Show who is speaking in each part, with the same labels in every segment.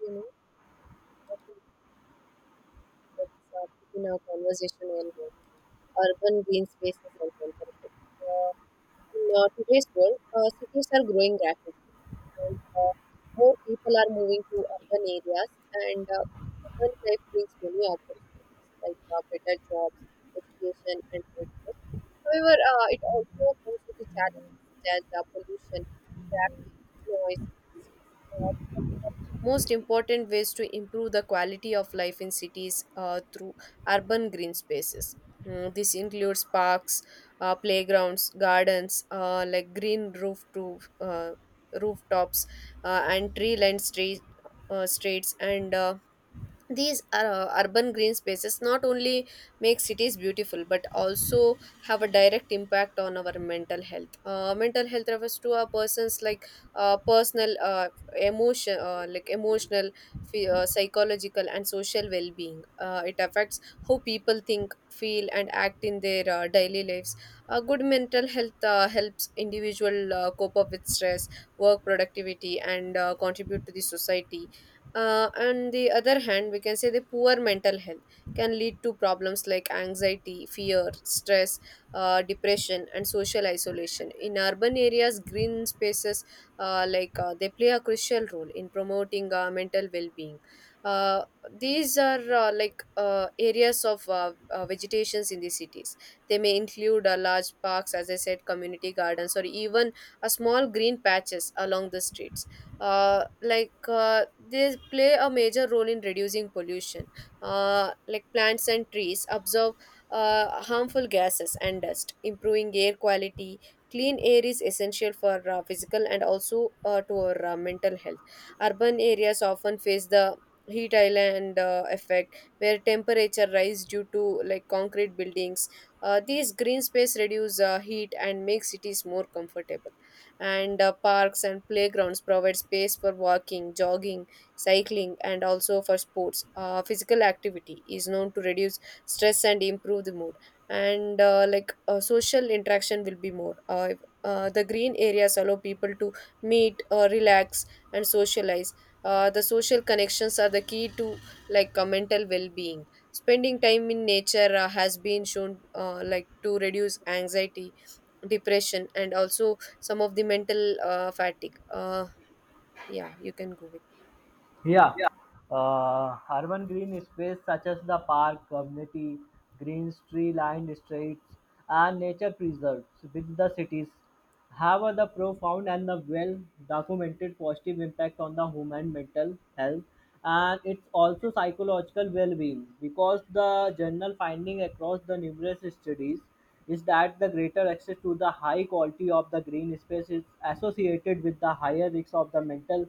Speaker 1: you know, often gets put our conversation on urban green spaces and conservation. Uh, in today's world, cities are growing rapidly, and more people are moving to urban areas, and urban life brings many opportunities like better jobs, education, and transport. However, it also comes with the challenges such as pollution, traffic, noise, and stress. Most important ways to improve the quality of life in cities through urban green spaces. This includes parks, playgrounds, gardens, like green roof to rooftops, and tree-lined streets, and these urban green spaces not only make cities beautiful but also have a direct impact on our mental health. Mental health refers to a person's personal emotional psychological and social well-being. It affects how people think, feel, and act in their daily lives. Good mental health helps individual cope up with stress, work productivity, and contribute to the society. On the other hand, we can say the poor mental health can lead to problems like anxiety, fear, stress, depression, and social isolation. In urban areas, green spaces, they play a crucial role in promoting mental well-being. Uh, these are areas of vegetations in the cities. They may include large parks, as I said, community gardens, or even a small green patches along the streets. They play a major role in reducing pollution. Like, plants and trees absorb harmful gases and dust, improving air quality. Clean air is essential for physical and also to our mental health. Urban areas often face the heat island effect where temperature rise due to like concrete buildings. These green space reduce heat and make cities more comfortable, and parks and playgrounds provide space for walking, jogging, cycling, and also for sports. Physical activity is known to reduce stress and improve the mood, and social interaction will be more if the green areas allow people to meet, relax, and socialize. The social connections are the key to mental well-being. Spending time in nature has been shown to reduce anxiety, depression, and also some of the mental fatigue. Yeah, you can go with.
Speaker 2: Yeah, urban green space such as the park, community greens, tree-lined streets, and nature preserves with the cities have a the profound and the well-documented positive impact on the human mental health, and it's also psychological well-being because the general finding across the numerous studies is that the greater access to the high quality of the green space is associated with the higher risk of the mental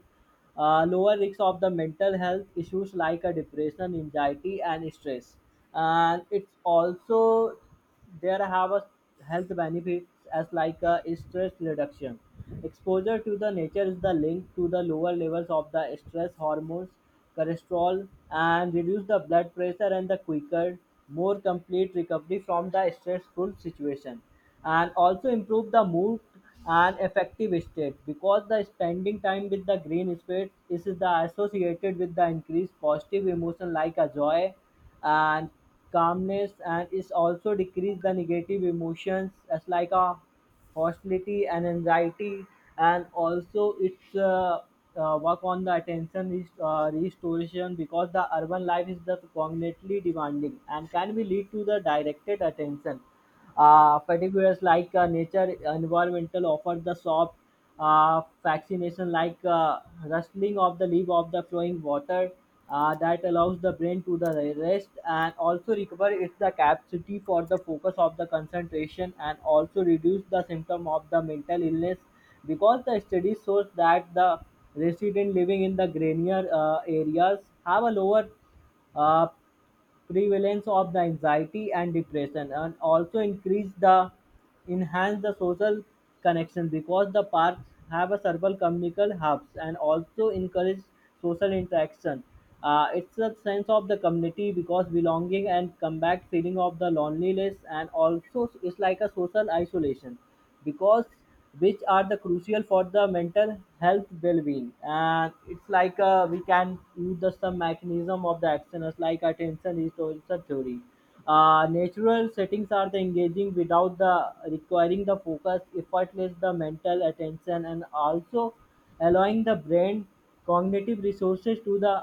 Speaker 2: lower risk of the mental health issues like a depression, anxiety, and stress. And it's also there have a health benefits as like a stress reduction. Exposure to the nature is the link to the lower levels of the stress hormones, cholesterol, and reduce the blood pressure and the quicker, more complete recovery from the stressful situation. And also improve the mood an effective state because the spending time with the green space is the associated with the increased positive emotion like a joy and calmness, and is also decrease the negative emotions as like a hostility and anxiety. And also it's work on the attention restoration because the urban life is the cognitively demanding and can be lead to the directed attention categories like nature, environmental offer the soft fascination like rustling of the leaf of the flowing water that allows the brain to the rest and also recover its the capacity for the focus of the concentration and also reduce the symptom of the mental illness because the study shows that the resident living in the grainier areas have a lower uh, prevalence of the anxiety and depression and also increase the enhance the social connection because the parks have a several communal hubs and also encourage social interaction. It's a sense of the community because belonging and combat feeling of the loneliness and also it's like a social isolation because which are the crucial for the mental health well-being, and it's like we can use the some mechanism of the action as like attention is also theory. Natural settings are the engaging without the requiring the focus effortless the mental attention and also allowing the brain cognitive resources to the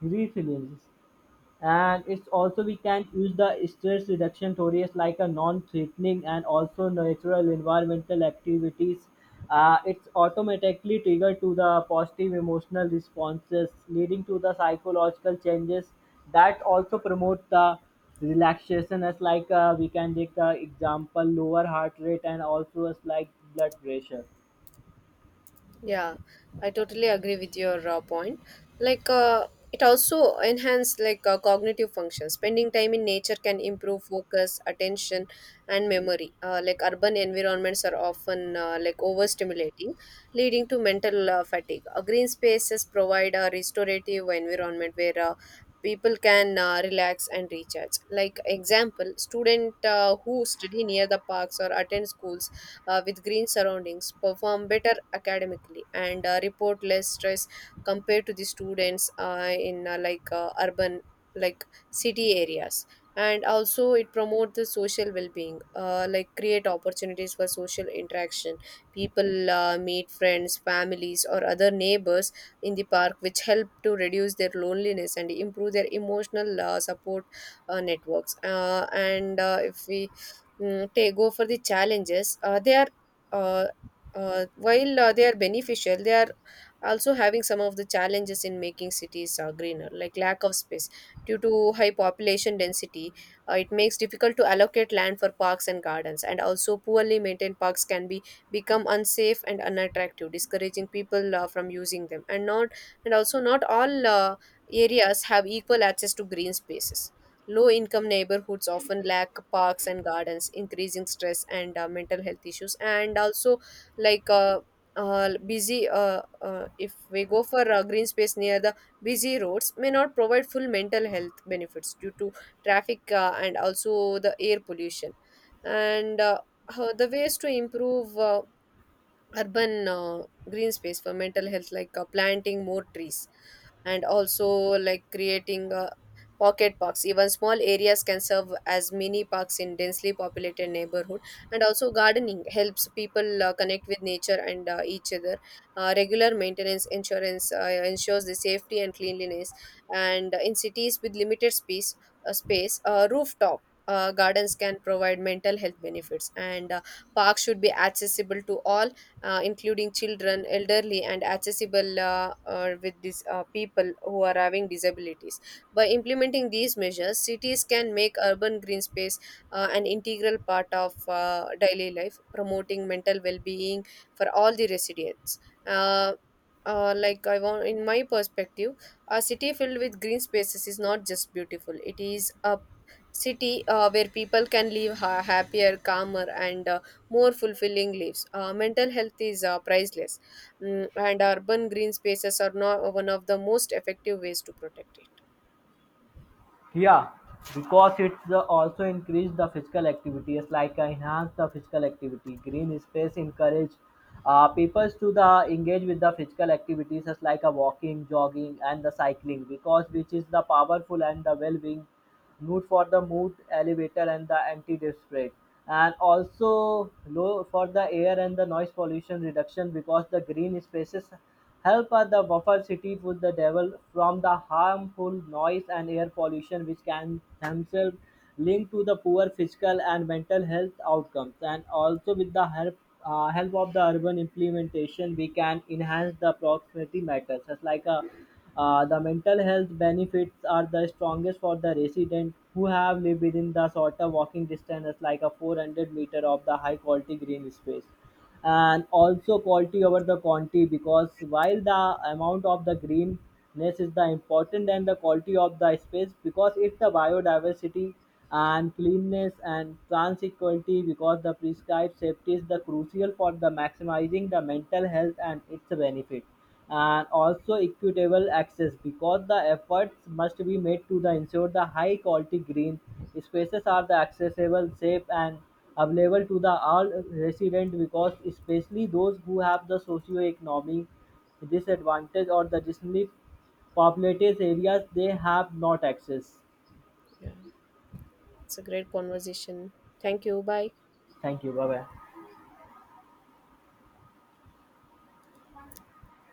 Speaker 2: resilience. And it's also we can use the stress reduction theories like a non-threatening and also natural environmental activities. It's automatically triggered to the positive emotional responses leading to the psychological changes that also promote the relaxation as like we can take the example lower heart rate and also as like blood pressure.
Speaker 1: Yeah, I totally agree with your point. Like, uh, it also enhance cognitive functions. Spending time in nature can improve focus, attention, and memory. Like, urban environments are often overstimulating, leading to mental fatigue. Green spaces provide a restorative environment where people can relax and recharge. Like, example, student who study near the parks or attend schools with green surroundings perform better academically and report less stress compared to the students in urban like city areas, and also it promote the social well-being. Create opportunities for social interaction. People meet friends, families, or other neighbors in the park, which help to reduce their loneliness and improve their emotional support networks. And if we mm, They go for the challenges. Uh, they are uh, uh, while uh, they are beneficial, they are also having some of the challenges in making cities greener, like lack of space due to high population density. It makes difficult to allocate land for parks and gardens, and also poorly maintained parks can be become unsafe and unattractive, discouraging people from using them, and not and also not all areas have equal access to green spaces. Low income neighborhoods often lack parks and gardens, increasing stress and mental health issues. And also, like uh, if we go for green space near the busy roads, may not provide full mental health benefits due to traffic and also the air pollution. And the ways to improve urban green space for mental health, like planting more trees, and also like creating pocket parks. Even small areas can serve as mini parks in densely populated neighborhood, and also gardening helps people connect with nature and each other. Regular maintenance insurance ensures the safety and cleanliness, and in cities with limited space, rooftop gardens can provide mental health benefits, and parks should be accessible to all, including children, elderly, and accessible with these people who are having disabilities. By implementing these measures, cities can make urban green space an integral part of daily life, promoting mental well-being for all the residents. Uh, in my perspective, a city filled with green spaces is not just beautiful; it is a city where people can live happier, calmer, and more fulfilling lives. Mental health is priceless, and urban green spaces are not one of the most effective ways to protect it.
Speaker 2: Yeah, because it's the also increase the physical activity. It's like enhance the physical activity. Green space encourage people to the engage with the physical activities as like a walking, jogging, and the cycling because which is the powerful and the well-being good for the mood elevator and the anti-dip spread. And also low for the air and the noise pollution reduction because the green spaces help the buffer city with the devil from the harmful noise and air pollution which can themselves link to the poor physical and mental health outcomes. And also with the help help of the urban implementation we can enhance the proximity matters just like a the mental health benefits are the strongest for the resident who have lived within the shorter walking distance, like a 400 meter of the high quality green space. And also quality over the quantity because while the amount of the greenness is the important and the quality of the space because it's the biodiversity and cleanness and transequality because the prescribed safety is the crucial for the maximizing the mental health and its benefit. And also equitable access because the efforts must be made to the ensure the high quality green spaces are the accessible safe and available to the all resident because especially those who have the socio-economic disadvantage or the densely populated areas they have not access.
Speaker 1: Yeah, it's a great conversation. Thank you. Bye.
Speaker 2: Thank you, bye bye.